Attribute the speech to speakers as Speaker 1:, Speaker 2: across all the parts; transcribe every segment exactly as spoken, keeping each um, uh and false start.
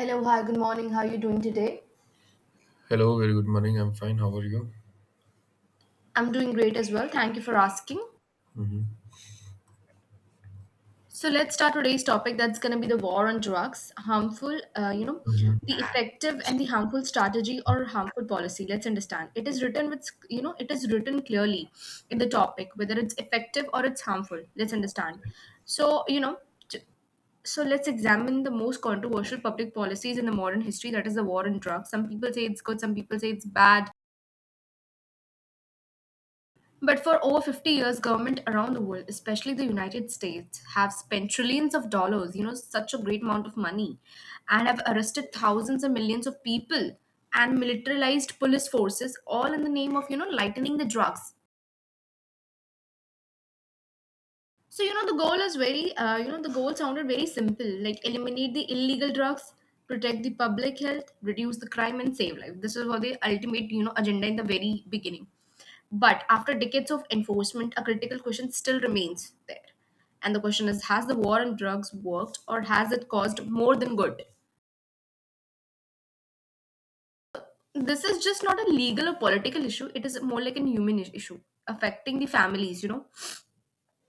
Speaker 1: Hello, hi, good morning. How are you doing today?
Speaker 2: Hello, very good morning. I'm fine. How are you?
Speaker 1: I'm doing great as well. Thank you for asking. So let's start today's topic. That's going to be the war on drugs, harmful, uh, you know, the effective and the harmful strategy or harmful policy. Let's understand. It is written with, you know, it is written clearly in the topic whether it's effective or it's harmful. Let's understand. So you know, j- so let's examine the most controversial public policies in the modern history, that is the war on drugs. Some people say it's good, some people say it's bad. But for over fifty years, government around the world, especially the United States, have spent trillions of dollars, you know, such a great amount of money, and have arrested thousands and millions of people and militarized police forces, all in the name of, you know, lightening the drugs. So you know the goal is very uh, you know The goal sounded very simple, like eliminate the illegal drugs, protect the public health, reduce the crime and save life. This is what the ultimate, you know agenda in the very beginning. But after decades of enforcement, a critical question still remains there. And the question is, has the war on drugs worked or has it caused more than good? This is just not a legal or political issue, it is more like a human is- issue affecting the families, you know,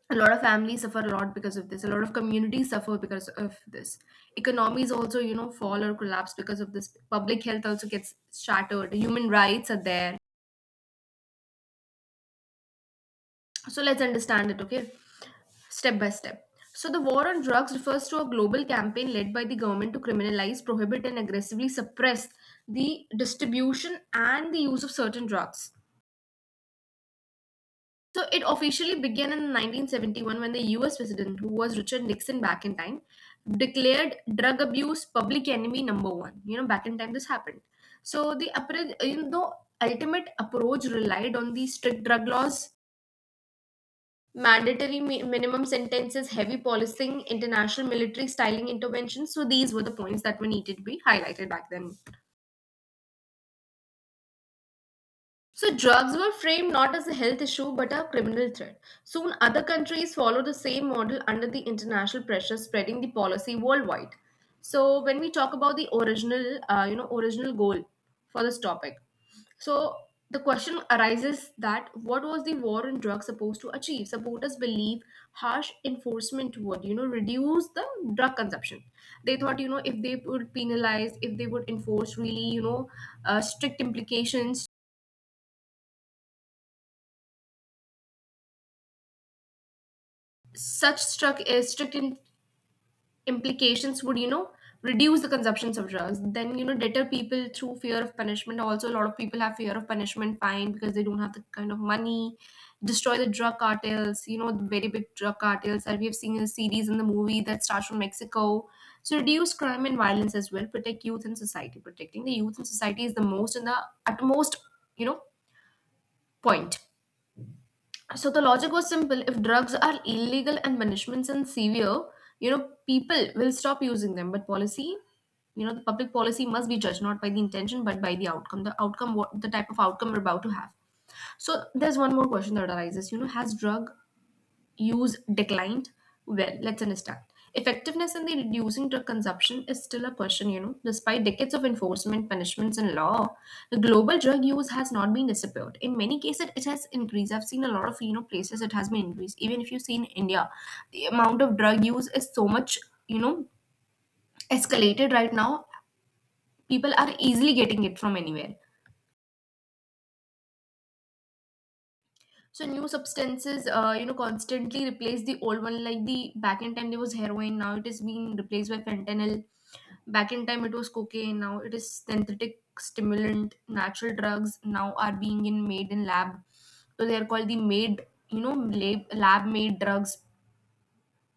Speaker 1: a lot of families suffer a lot because of this. A lot of communities suffer because of this. Economies also, you know fall or collapse because of this. Public health also gets shattered. Human rights are there. So let's understand it, okay, step by step. So the war on drugs refers to a global campaign led by the government to criminalize, prohibit and aggressively suppress the distribution and the use of certain drugs. So it officially began in nineteen seventy-one when the U S president, who was Richard Nixon back in time, declared drug abuse public enemy number one. You know, back in time this happened. So the appro- you know, ultimate approach relied on the strict drug laws, mandatory mi- minimum sentences, heavy policing, international military styling interventions. So these were the points that were needed to be highlighted back then. So drugs were framed not as a health issue but a criminal threat. Soon other countries followed the same model under the international pressure, spreading the policy worldwide. So when we talk about the original uh, you know original goal for this topic. So the question arises, that what was the war on drugs supposed to achieve? Supporters believe harsh enforcement would, you know, reduce the drug consumption. They thought, you know, if they would penalize, if they would enforce really, you know, uh, strict implications, such struck, uh, strict in- implications would, you know reduce the consumptions of drugs, then, you know deter people through fear of punishment. Also, a lot of people have fear of punishment, fine, because they don't have the kind of money. Destroy the drug cartels, you know, the very big drug cartels that we have seen in the series and the movie that starts from Mexico. So reduce crime and violence as well, protect youth and society. Protecting the youth and society is the most and the utmost, you know point. So the logic was simple. If drugs are illegal and punishments and severe, you know, people will stop using them. But policy, you know, the public policy must be judged not by the intention but by the outcome. The outcome, what the type of outcome we're about to have. So there's one more question that arises. You know, has drug use declined? Well, let's understand. Effectiveness in the reducing drug consumption is still a question, you know. Despite decades of enforcement, punishments, and law, the global drug use has not been disappeared. In many cases, it has increased. I've seen a lot of, you know places it has been increased. Even if you see in India, the amount of drug use is so much, you know, escalated right now. People are easily getting it from anywhere. So new substances, uh, you know, constantly replace the old one. Like the back in time there was heroin, now it is being replaced by fentanyl. Back in time it was cocaine, now it is synthetic stimulant. Natural drugs now are being in made in lab, so they are called the made, you know, lab lab made drugs.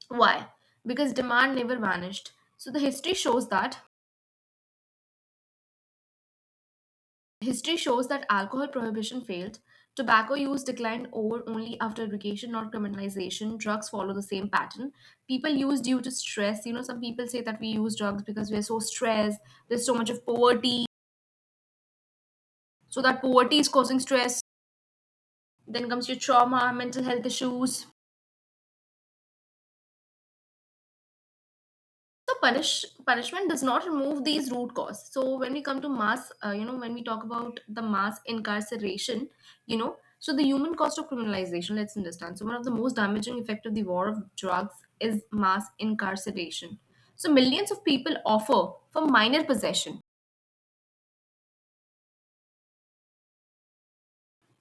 Speaker 1: Why? Because demand never vanished. So the history shows that history shows that alcohol prohibition failed, tobacco use declined over only after education, not criminalization. Drugs follow the same pattern. People use due to stress. You know, some people say that we use drugs because we're so stressed, there's so much of poverty. So that poverty is causing stress. Then comes your trauma, mental health issues. So punish punishment does not remove these root cause. So when we come to mass, uh, you know, when we talk about the mass incarceration, you know, so the human cost of criminalization. Let's understand. So one of the most damaging effect of the war of drugs is mass incarceration. So millions of people offer for minor possession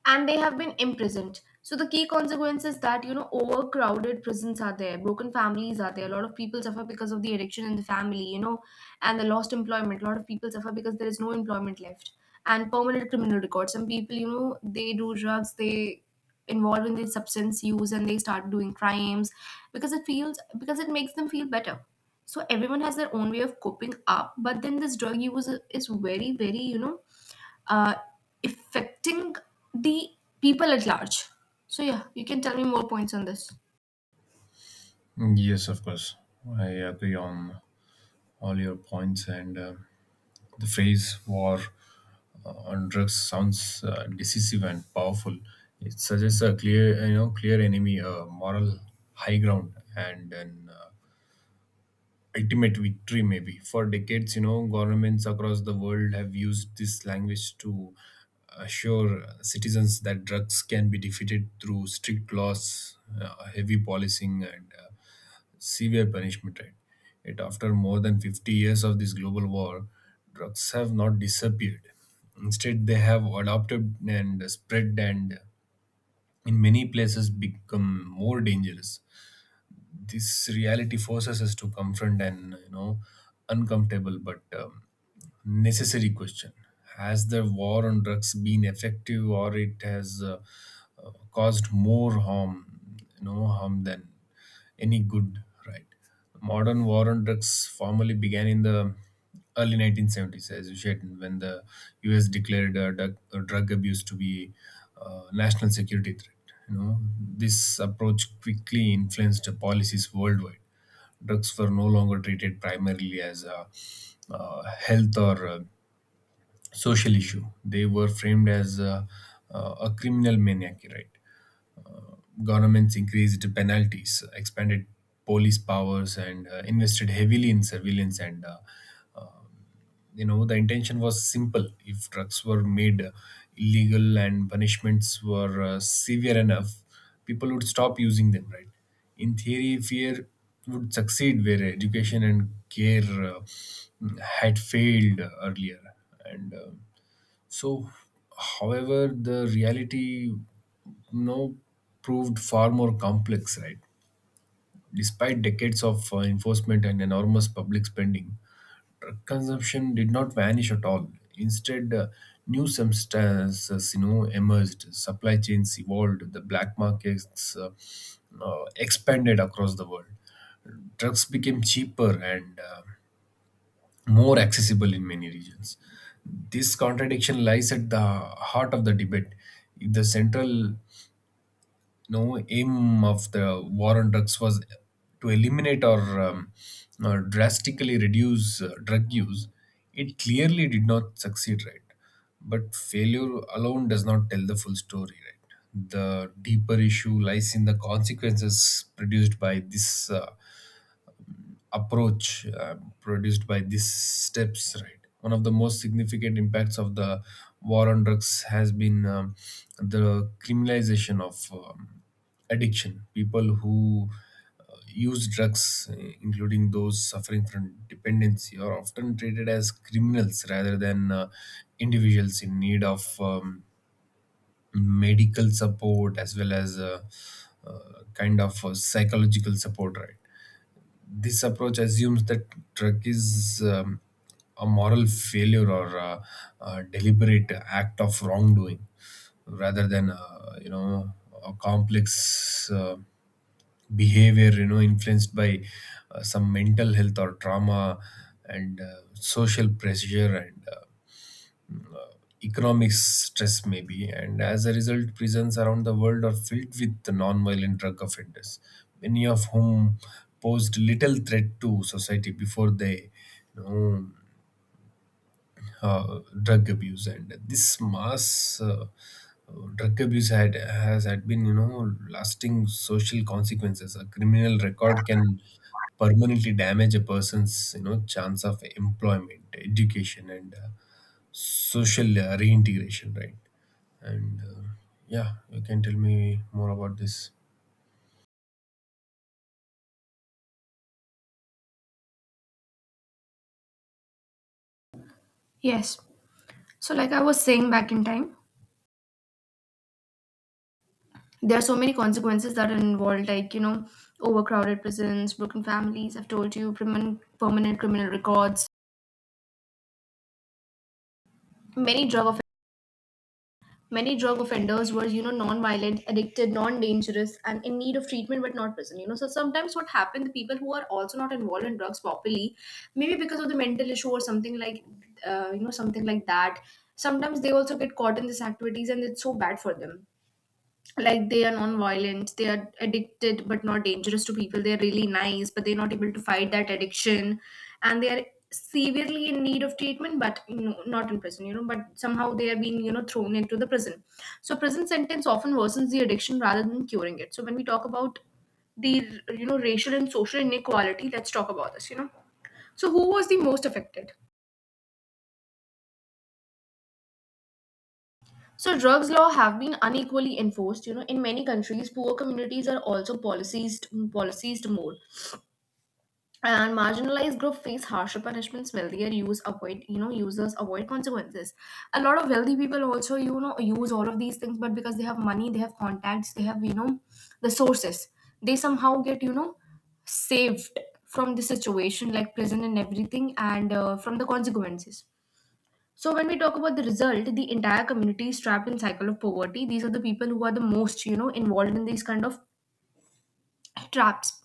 Speaker 1: and they have been imprisoned. So the key consequence is that, you know, overcrowded prisons are there, broken families are there. A lot of people suffer because of the addiction in the family, you know, and the lost employment. A lot of people suffer because there is no employment left, and permanent criminal records. Some people, you know, they do drugs, they involve in the substance use, and they start doing crimes because it feels because it makes them feel better. So everyone has their own way of coping up, but then this drug use is very, very, you know, uh, affecting the people at large. So yeah, you can tell me more points on this.
Speaker 2: Yes, of course. I agree on all your points, and uh, the phrase war uh, on drugs sounds uh, decisive and powerful. It suggests a clear, you know, clear enemy, a moral high ground, and an uh, ultimate victory, maybe. For decades, you know, governments across the world have used this language to assure citizens that drugs can be defeated through strict laws, uh, heavy policing, and uh, severe punishment, right? Yet after more than fifty years of this global war, drugs have not disappeared. Instead, they have adopted and spread and in many places become more dangerous. This reality forces us to confront an, you know, uncomfortable but um, necessary question. Has the war on drugs been effective, or it has uh, uh, caused more harm, you know, harm than any good, right? Modern war on drugs formally began in the early nineteen seventies, as you said, when the U S declared uh, drug, uh, drug abuse to be a national security threat. You know, this approach quickly influenced policies worldwide. Drugs were no longer treated primarily as a uh, health or uh, social issue. They were framed as uh, uh, a criminal maniac, right? Governments increased penalties, expanded police powers, and uh, invested heavily in surveillance. And uh, you know, the intention was simple: if drugs were made uh, illegal and punishments were uh, severe enough, people would stop using them. Right? In theory, fear would succeed where education and care uh, had failed earlier, and. Uh, so, however, the reality, you know, proved far more complex, right? Despite decades of uh, enforcement and enormous public spending, drug consumption did not vanish at all. Instead, uh, new substances, you know, emerged. Supply chains evolved. The black markets uh, uh, expanded across the world. Drugs became cheaper and uh, more accessible in many regions. This contradiction lies at the heart of the debate. If the central, you know, aim of the war on drugs was to eliminate or, um, or drastically reduce uh, drug use, it clearly did not succeed, right? But failure alone does not tell the full story, right? The deeper issue lies in the consequences produced by this. Uh, approach uh, produced by these steps. Right, one of the most significant impacts of the war on drugs has been um, the criminalization of um, addiction. People who uh, use drugs, uh, including those suffering from dependency, are often treated as criminals rather than uh, individuals in need of um, medical support as well as uh, uh, kind of uh, psychological support. Right, this approach assumes that truck is um, a moral failure or a, a deliberate act of wrongdoing, rather than, uh, you know, a complex uh, behavior, you know, influenced by uh, some mental health or trauma and uh, social pressure and uh, uh, economic stress maybe. And as a result, prisons around the world are filled with the non-violent drug offenders, many of whom posed little threat to society before they, you know, uh, drug abuse. And this mass uh, uh, drug abuse had has had been, you know, lasting social consequences. A criminal record can permanently damage a person's, you know, chance of employment, education, and uh, social uh, reintegration, right? And uh, yeah, you can tell me more about this.
Speaker 1: Yes. So, like I was saying back in time, there are so many consequences that are involved, like, you know, overcrowded prisons, broken families, I've told you, permanent, permanent criminal records, many drug many drug offenders were, you know, non-violent, addicted, non-dangerous, and in need of treatment but not prison. You know, so sometimes what happened, the people who are also not involved in drugs properly, maybe because of the mental issue or something like, uh, you know, something like that. Sometimes they also get caught in these activities, and it's so bad for them, like they are non-violent, they are addicted but not dangerous to people, they are really nice but they're not able to fight that addiction. And they are severely in need of treatment but, you know, not in prison, you know, but somehow they are being, you know thrown into the prison. So prison sentence often worsens the addiction rather than curing it. So when we talk about the, you know, racial and social inequality, let's talk about this, you know, so who was the most affected. So drugs law have been unequally enforced, you know, in many countries poor communities are also policed, policed more, and marginalized group face harsher punishments. Wealthier use avoid, you know users avoid consequences. A lot of wealthy people also, you know, use all of these things, but because they have money, they have contacts, they have, you know the sources, they somehow get, you know saved from the situation like prison and everything, and uh, from the consequences. So when we talk about the result, the entire community is trapped in cycle of poverty. These are the people who are the most, you know involved in these kind of traps,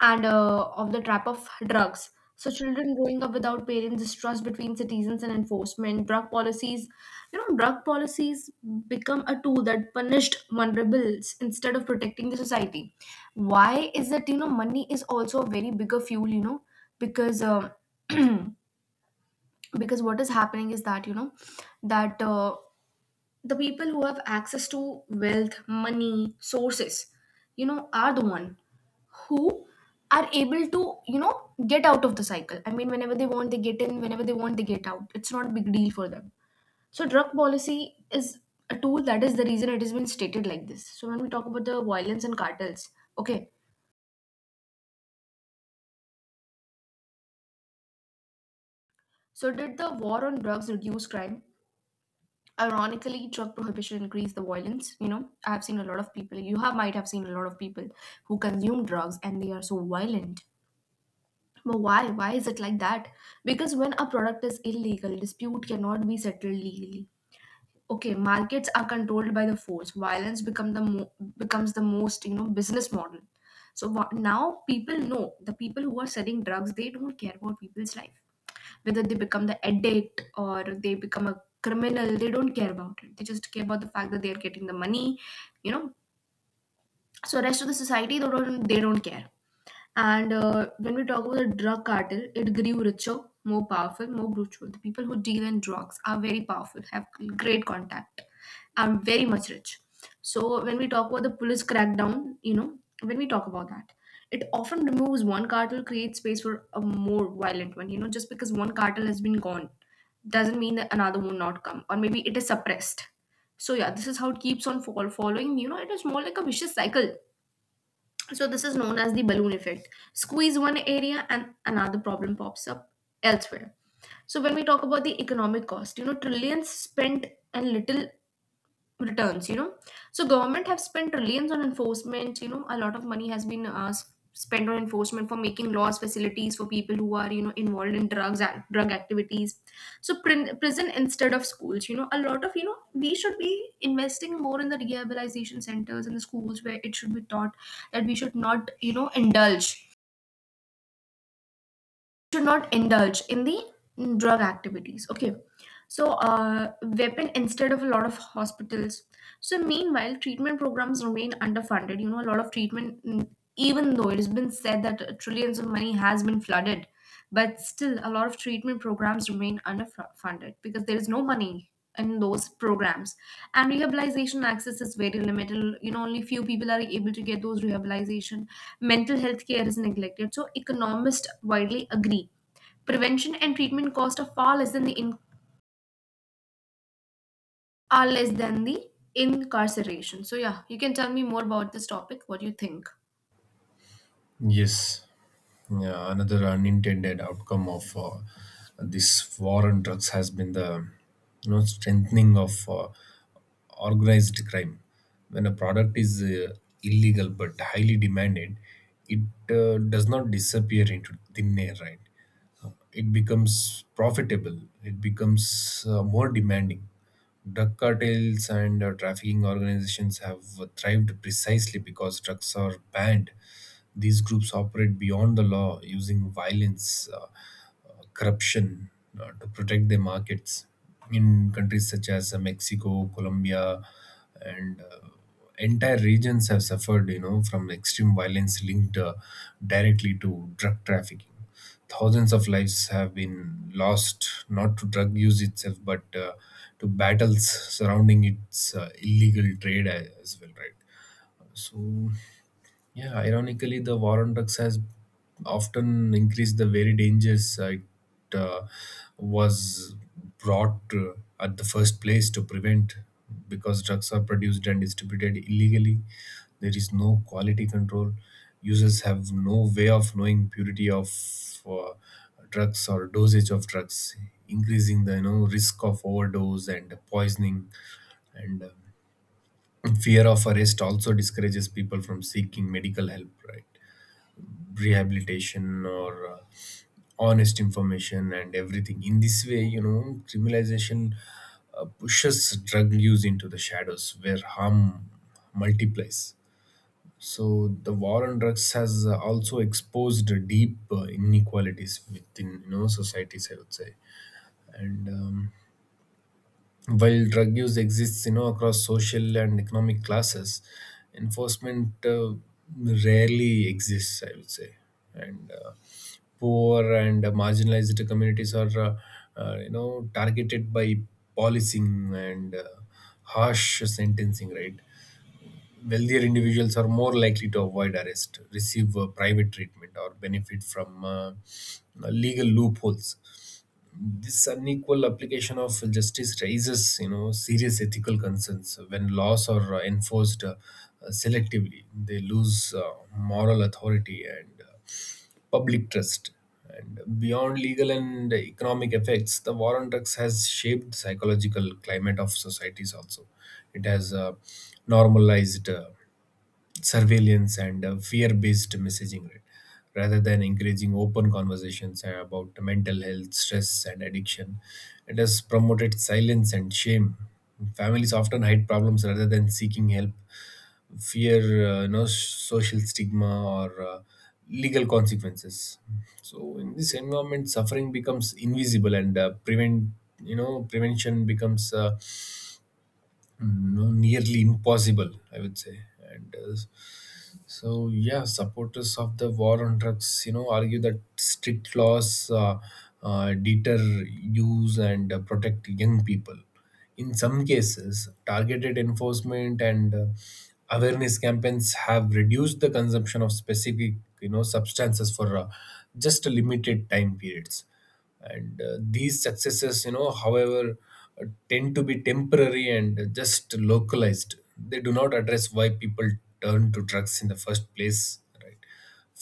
Speaker 1: and uh, of the trap of drugs. So children growing up without parents, distrust between citizens and enforcement, drug policies, you know, drug policies become a tool that punished vulnerables instead of protecting the society. Why is that? You know, money is also a very bigger fuel. You know, because um, because what is happening is that, you know, that. Uh, the people who have access to wealth, money, sources, you know, are the one who are able to, you know get out of the cycle. I mean, whenever they want they get in, whenever they want they get out. It's not a big deal for them. So drug policy is a tool, that is the reason it has been stated like this. So when we talk about the violence and cartels, okay, so did the war on drugs reduce crime? Ironically, drug prohibition increased the violence. You know, I've seen a lot of people. You have might have seen a lot of people who consume drugs and they are so violent. But why? Why is it like that? Because when a product is illegal, dispute cannot be settled legally. Okay, markets are controlled by the force. Violence become the mo- becomes the most, you know business model. So wha- now people know the people who are selling drugs, they don't care about people's life, whether they become the addict, or they become a criminal. They don't care about it. They just care about the fact that they are getting the money, you know. So rest of the society, they don't, they don't care. And uh, when we talk about the drug cartel, it grew richer, more powerful, more brutal. The people who deal in drugs are very powerful, have great contact, are very much rich. So when we talk about the police crackdown, you know, when we talk about that, it often removes one cartel, creates space for a more violent one. You know, just because one cartel has been gone doesn't mean that another will not come, or maybe it is suppressed. So yeah, this is how it keeps on fall following. You know, it is more like a vicious cycle. So this is known as the balloon effect. Squeeze one area and another problem pops up elsewhere. So when we talk about the economic cost, you know, trillions spent and little returns, you know. So government have spent trillions on enforcement. You know, a lot of money has been uh, s- spent on enforcement, for making laws, facilities for people who are, you know, involved in drugs ac- drug activities. So prin- prison instead of schools. You know, a lot of, you know, we should be investing more in the rehabilitation centers and the schools, where it should be taught that we should not, you know, indulge, should not indulge in the drug activities, okay. So uh, weapon instead of a lot of hospitals. So meanwhile treatment programs remain underfunded. You know, a lot of treatment mm, even though it has been said that uh, trillions of money has been flooded, but still a lot of treatment programs remain underfunded because there is no money in those programs. And rehabilitation access is very limited. You know, only few people are able to get those rehabilitation. Mental health care is neglected. So economists widely agree prevention and treatment cost are far less than the in- are less than the incarceration. So yeah, you can tell me more about this topic. What do you think?
Speaker 2: Yes, yeah, another unintended outcome of uh, this war on drugs has been the, you know, strengthening of uh, organized crime. When a product is uh, illegal but highly demanded, it uh, does not disappear into thin air, right? It becomes profitable, it becomes uh, more demanding. Drug cartels and uh, trafficking organizations have thrived precisely because drugs are banned. These groups operate beyond the law, using violence, uh, uh, corruption, uh, to protect their markets. In countries such as uh, Mexico, Colombia, and uh, entire regions have suffered, you know, from extreme violence linked uh, directly to drug trafficking. Thousands of lives have been lost, not to drug use itself, but uh, to battles surrounding its uh, illegal trade uh, as well, right? So yeah, ironically, the war on drugs has often increased the very dangers uh, it uh, was brought uh, at the first place to prevent. Because drugs are produced and distributed illegally, there is no quality control. Users have no way of knowing purity of uh, drugs or dosage of drugs, increasing the, you know, risk of overdose and poisoning. And um fear of arrest also discourages people from seeking medical help, right? Rehabilitation or uh, honest information and everything. In this way, you know, criminalization uh, pushes drug use into the shadows where harm multiplies. So the war on drugs has uh, also exposed deep uh, inequalities within, you know, societies, I would say. And um, while drug use exists, you know, across social and economic classes, enforcement uh, rarely exists, I would say. And uh, poor and marginalized communities are, uh, uh, you know, targeted by policing and uh, harsh sentencing. Right, wealthier individuals are more likely to avoid arrest, receive uh, private treatment, or benefit from uh, legal loopholes. This unequal application of justice raises, you know, serious ethical concerns. When laws are uh, enforced uh, uh, selectively, they lose uh, moral authority and uh, public trust. And beyond legal and economic effects, the war on drugs has shaped the psychological climate of societies also. It has uh, normalized uh, surveillance and uh, fear-based messaging, right? Rather than encouraging open conversations uh, about mental health, stress, and addiction, it has promoted silence and shame. Families often hide problems rather than seeking help, fear, uh, no social stigma or uh, legal consequences. So in this environment, suffering becomes invisible and uh, prevent you know, prevention becomes uh, no nearly impossible, I would say. And uh, so yeah, supporters of the war on drugs, you know, argue that strict laws uh, uh, deter use and uh, protect young people. In some cases, targeted enforcement and uh, awareness campaigns have reduced the consumption of specific, you know, substances for uh, just a limited time periods. And uh, these successes, you know, however, uh, tend to be temporary and just localized. They do not address why people turn to drugs in the first place, right?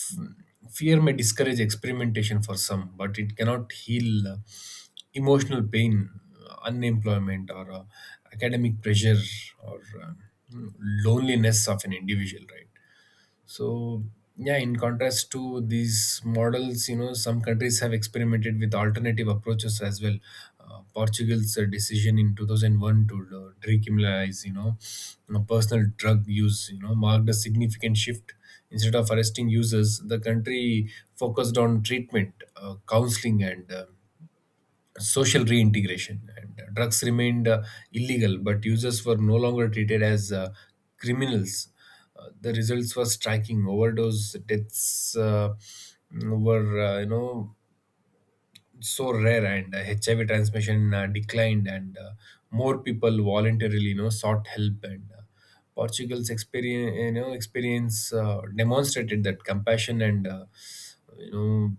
Speaker 2: F- fear may discourage experimentation for some, but it cannot heal uh, emotional pain, uh, unemployment, or uh, academic pressure, or uh, loneliness of an individual, right? So, yeah, in contrast to these models, you know, some countries have experimented with alternative approaches as well. Uh, Portugal's uh, decision in two thousand one to uh, decriminalize, you know, you know, personal drug use, you know, marked a significant shift. Instead of arresting users, the country focused on treatment, uh, counseling, and uh, social reintegration. And uh, drugs remained uh, illegal, but users were no longer treated as uh, criminals. Uh, the results were striking. Overdose deaths uh, were, uh, you know, so rare, and uh, H I V transmission uh, declined, and uh, more people voluntarily, you know, sought help. And uh, Portugal's experience, you know, experience uh, demonstrated that compassion and uh, you know,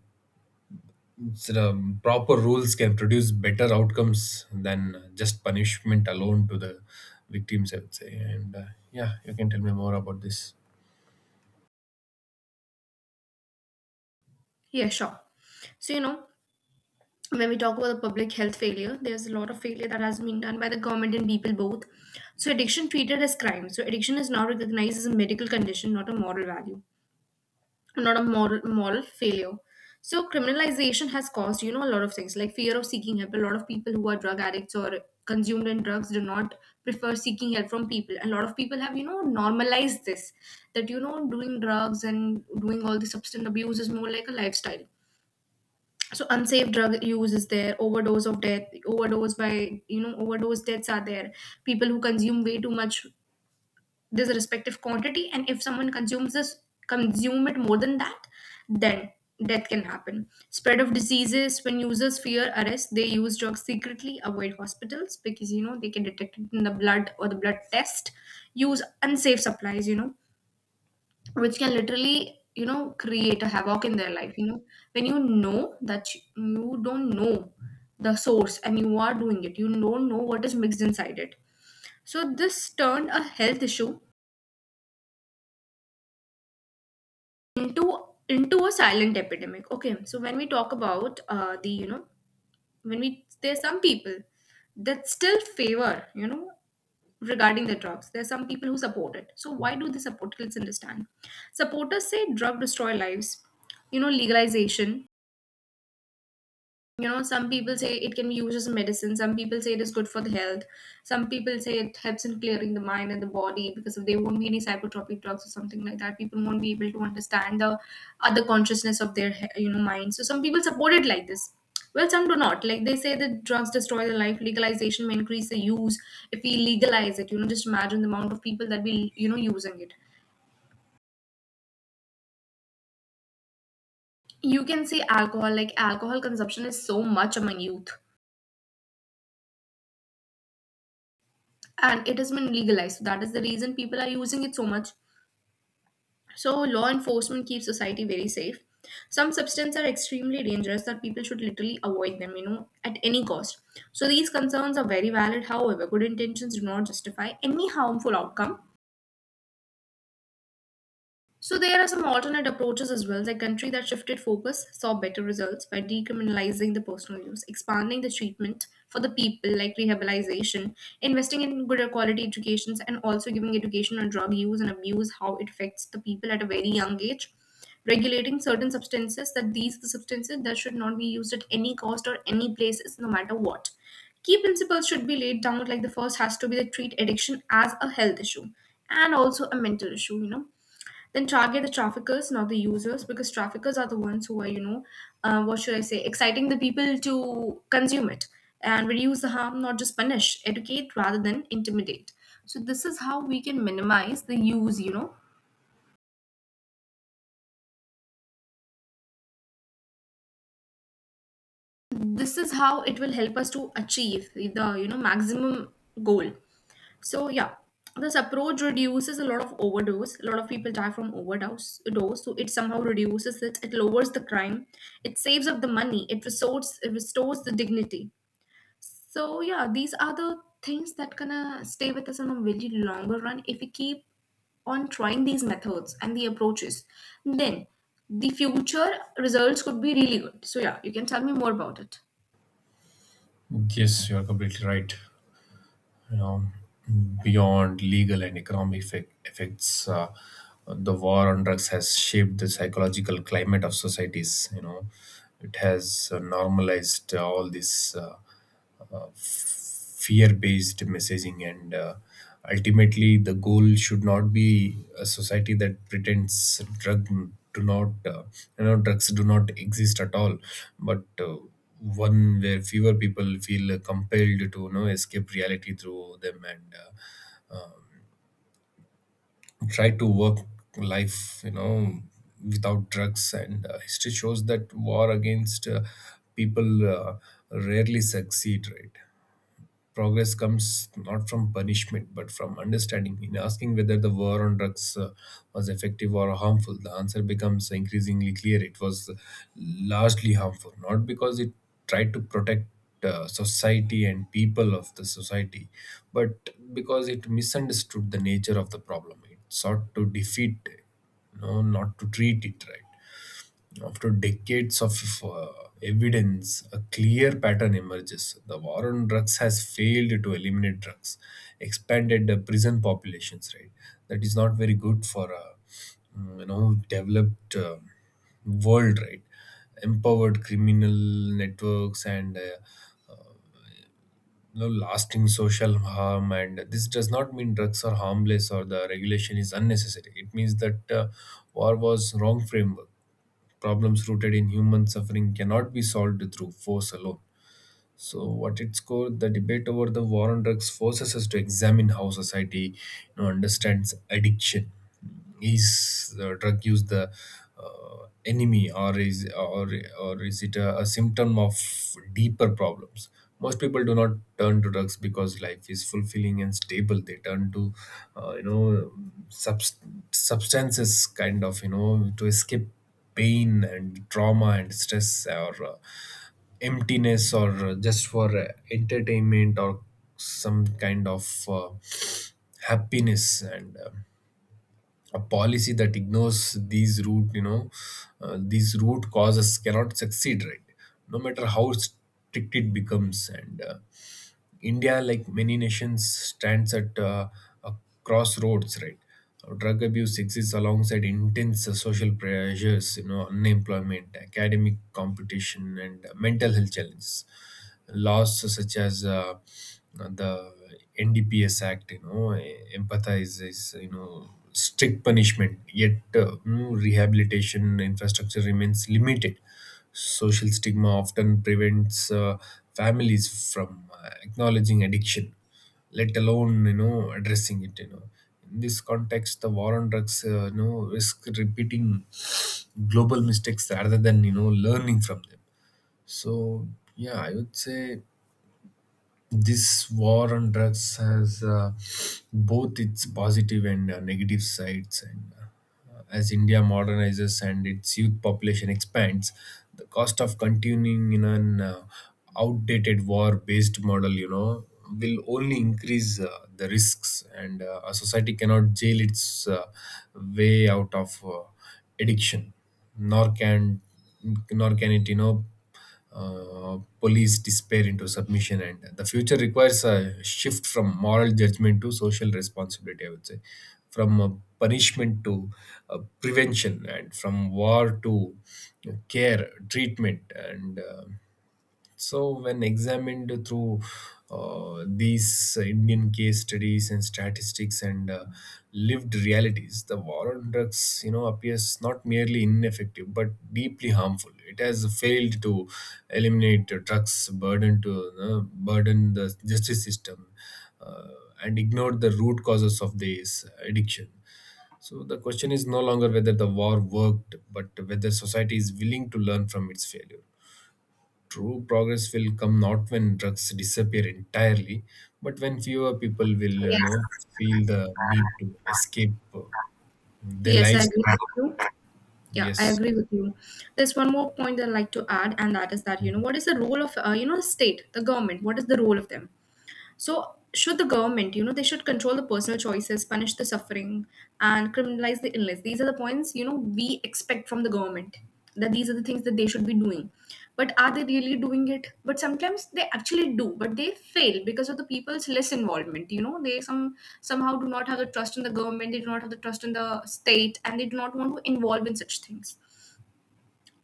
Speaker 2: so, um, proper rules can produce better outcomes than just punishment alone to the victims, I would say. And uh, yeah, you can tell me more about this.
Speaker 1: Yeah, sure. So you know, when we talk about the public health failure, there's a lot of failure that has been done by the government and people both. So addiction treated as crime. So addiction is now recognized as a medical condition, not a moral value, not a moral moral failure. So criminalization has caused, you know, a lot of things like fear of seeking help. A lot of people who are drug addicts or consumed in drugs do not prefer seeking help from people. A lot of people have, you know, normalized this, that you know doing drugs and doing all the substance abuse is more like a lifestyle. So unsafe drug use is there. Overdose of death, overdose by, you know, overdose deaths are there. People who consume way too much this respective quantity, and if someone consumes this, consume it more than that, then death can happen. Spread of diseases: when users fear arrest, they use drugs secretly, avoid hospitals because you know they can detect it in the blood, or the blood test. Use unsafe supplies, you know, which can literally, you know, create a havoc in their life, you know. When you know that sh- you don't know the source and you are doing it, you don't know what is mixed inside it. So this turned a health issue into into a silent epidemic, okay. So when we talk about uh, the, you know, when we, there's some people that still favor, you know, regarding the drugs, there's some people who support it. So why do they support it? Let's understand. Supporters say drug destroy lives, you know, legalization, you know. Some people say it can be used as a medicine, some people say it is good for the health, some people say it helps in clearing the mind and the body, because if there won't be any psychotropic drugs or something like that, people won't be able to understand the other consciousness of their he- you know mind. So some people support it like this. Well, some do not, like they say that drugs destroy the life, legalization may increase the use. If we legalize it, you know, just imagine the amount of people that will, you know, using it. You can see alcohol, like alcohol consumption is so much among youth, and it has been legalized. So that is the reason people are using it so much. So law enforcement keeps society very safe. Some substances are extremely dangerous that people should literally avoid them, you know, at any cost. So these concerns are very valid. However, good intentions do not justify any harmful outcome. So there are some alternate approaches as well. The country that shifted focus saw better results by decriminalizing the personal use, expanding the treatment for the people like rehabilitation, investing in good quality educations, and also giving education on drug use and abuse, how it affects the people at a very young age, regulating certain substances, that these are the substances that should not be used at any cost or any places, no matter what. Key principles should be laid down, like the first has to be to treat addiction as a health issue and also a mental issue, you know. Then target the traffickers, not the users, because traffickers are the ones who are, you know, uh, what should I say, exciting the people to consume it. And reduce the harm, not just punish. Educate rather than intimidate. So this is how we can minimize the use, you know. This is how it will help us to achieve the, you know, maximum goal. So yeah, this approach reduces a lot of overdose. A lot of people die from overdose. Dose, so it somehow reduces it. It lowers the crime. It saves up the money. It restores. It restores the dignity. So yeah, these are the things that gonna stay with us on a very longer run, if we keep on trying these methods and the approaches. Then the future results could be really good. So yeah, you can tell me more about it.
Speaker 2: Yes, you are completely right. You know, beyond legal and economic effect, effects, uh, the war on drugs has shaped the psychological climate of societies. You know, it has uh, normalized all these Uh, fear based messaging. And uh, ultimately, the goal should not be a society that pretends drug do not uh, you know, drugs do not exist at all, but uh, one where fewer people feel compelled to, you know, escape reality through them and uh, try to work life, you know, without drugs. And uh, history shows that war against uh, people uh, rarely succeed, right? Progress comes not from punishment, but from understanding. In asking whether the war on drugs uh, was effective or harmful, the answer becomes increasingly clear. It was largely harmful, not because it tried to protect uh, society and people of the society, but because it misunderstood the nature of the problem. It sought to defeat, no, not to treat it, right? After decades of uh, evidence, a clear pattern emerges. The war on drugs has failed to eliminate drugs, expanded the prison populations. Right, that is not very good for a mm, you know, developed uh, world. Right, empowered criminal networks and uh, you know, lasting social harm. And this does not mean drugs are harmless or the regulation is unnecessary. It means that uh, war was wrong framework. Problems rooted in human suffering cannot be solved through force alone. So, at its core, the debate over the war on drugs forces us to examine how society, you know, understands addiction. Is uh, drug use the uh, enemy, or is or or is it a, a symptom of deeper problems? Most people do not turn to drugs because life is fulfilling and stable. They turn to, uh, you know, subst- substances kind of, you know, to escape pain and trauma and stress, or uh, emptiness, or uh, just for uh, entertainment or some kind of uh, happiness. And uh, a policy that ignores these root you know uh, these root causes cannot succeed, right? No mater how strict it becomes. And uh, India, like many nations, stands at uh, a crossroads, right? Uh, Drug abuse exists alongside intense uh, social pressures, you know, unemployment, academic competition, and uh, mental health challenges. Laws such as uh, the N D P S Act, you know, empathize is, you know, strict punishment, yet uh, you know, rehabilitation infrastructure remains limited. Social stigma often prevents uh, families from uh, acknowledging addiction, let alone, you know, addressing it. You know, in this context, the war on drugs, uh, you know, risk repeating global mistakes rather than, you know, learning from them. So yeah, I would say this war on drugs has uh, both its positive and uh, negative sides. And uh, as India modernizes and its youth population expands, the cost of continuing in an uh, outdated war based model, you know, will only increase uh, the risks. And uh, a society cannot jail its uh, way out of uh, addiction, nor can nor can it, you know, uh, police despair into submission. And the future requires a shift from moral judgment to social responsibility, I would say, from uh, punishment to uh, prevention, and from war to uh, care, treatment, and uh, so, when examined through uh, these Indian case studies and statistics and uh, lived realities, the war on drugs, you know, appears not merely ineffective but deeply harmful. It has failed to eliminate the drugs, burden to uh, burden the justice system, uh, and ignored the root causes of this addiction. So the question is no longer whether the war worked, but whether society is willing to learn from its failure. True progress will come not when drugs disappear entirely, but when fewer people will, you
Speaker 1: Yes.
Speaker 2: know, feel the need to escape uh, their
Speaker 1: Yes, I
Speaker 2: lives
Speaker 1: agree
Speaker 2: through
Speaker 1: with you.
Speaker 2: them.
Speaker 1: Yeah, I
Speaker 2: Yes.
Speaker 1: agree with you. There's one more point that I'd like to add, and that is that, you know, what is the role of, uh, you know, state, the government? What is the role of them? So should the government, you know, they should control the personal choices, punish the suffering, and criminalize the illness. These are the points, you know, we expect from the government, that these are the things that they should be doing. But are they really doing it? But sometimes they actually do, but they fail because of the people's less involvement. You know, they some somehow do not have the trust in the government, they do not have the trust in the state, and they do not want to involve in such things.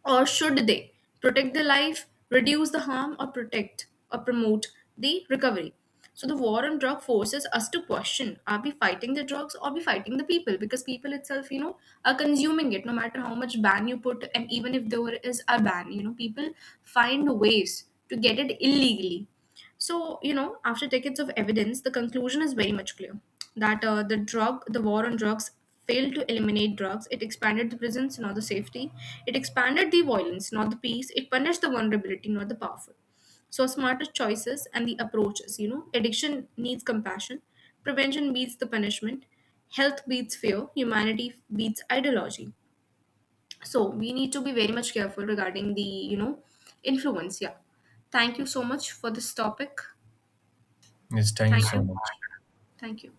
Speaker 1: Or should they protect the life, reduce the harm, or protect, or promote the recovery? So the war on drug forces us to question, are we fighting the drugs, or we fighting the people? Because people itself, you know, are consuming it, no matter how much ban you put. And even if there is a ban, you know, people find ways to get it illegally. So, you know, after decades of evidence, the conclusion is very much clear, that uh, the drug, the war on drugs, failed to eliminate drugs. It expanded the prisons, not the safety. It expanded the violence, not the peace. It punished the vulnerability, not the powerful. So, smarter choices and the approaches, you know, addiction needs compassion, prevention beats the punishment, health beats fear, humanity beats ideology. So, we need to be very much careful regarding the, you know, influence. Yeah. Thank you so much for this topic.
Speaker 2: Yes, thank you
Speaker 1: Thank
Speaker 2: so
Speaker 1: you.
Speaker 2: much.
Speaker 1: Thank you.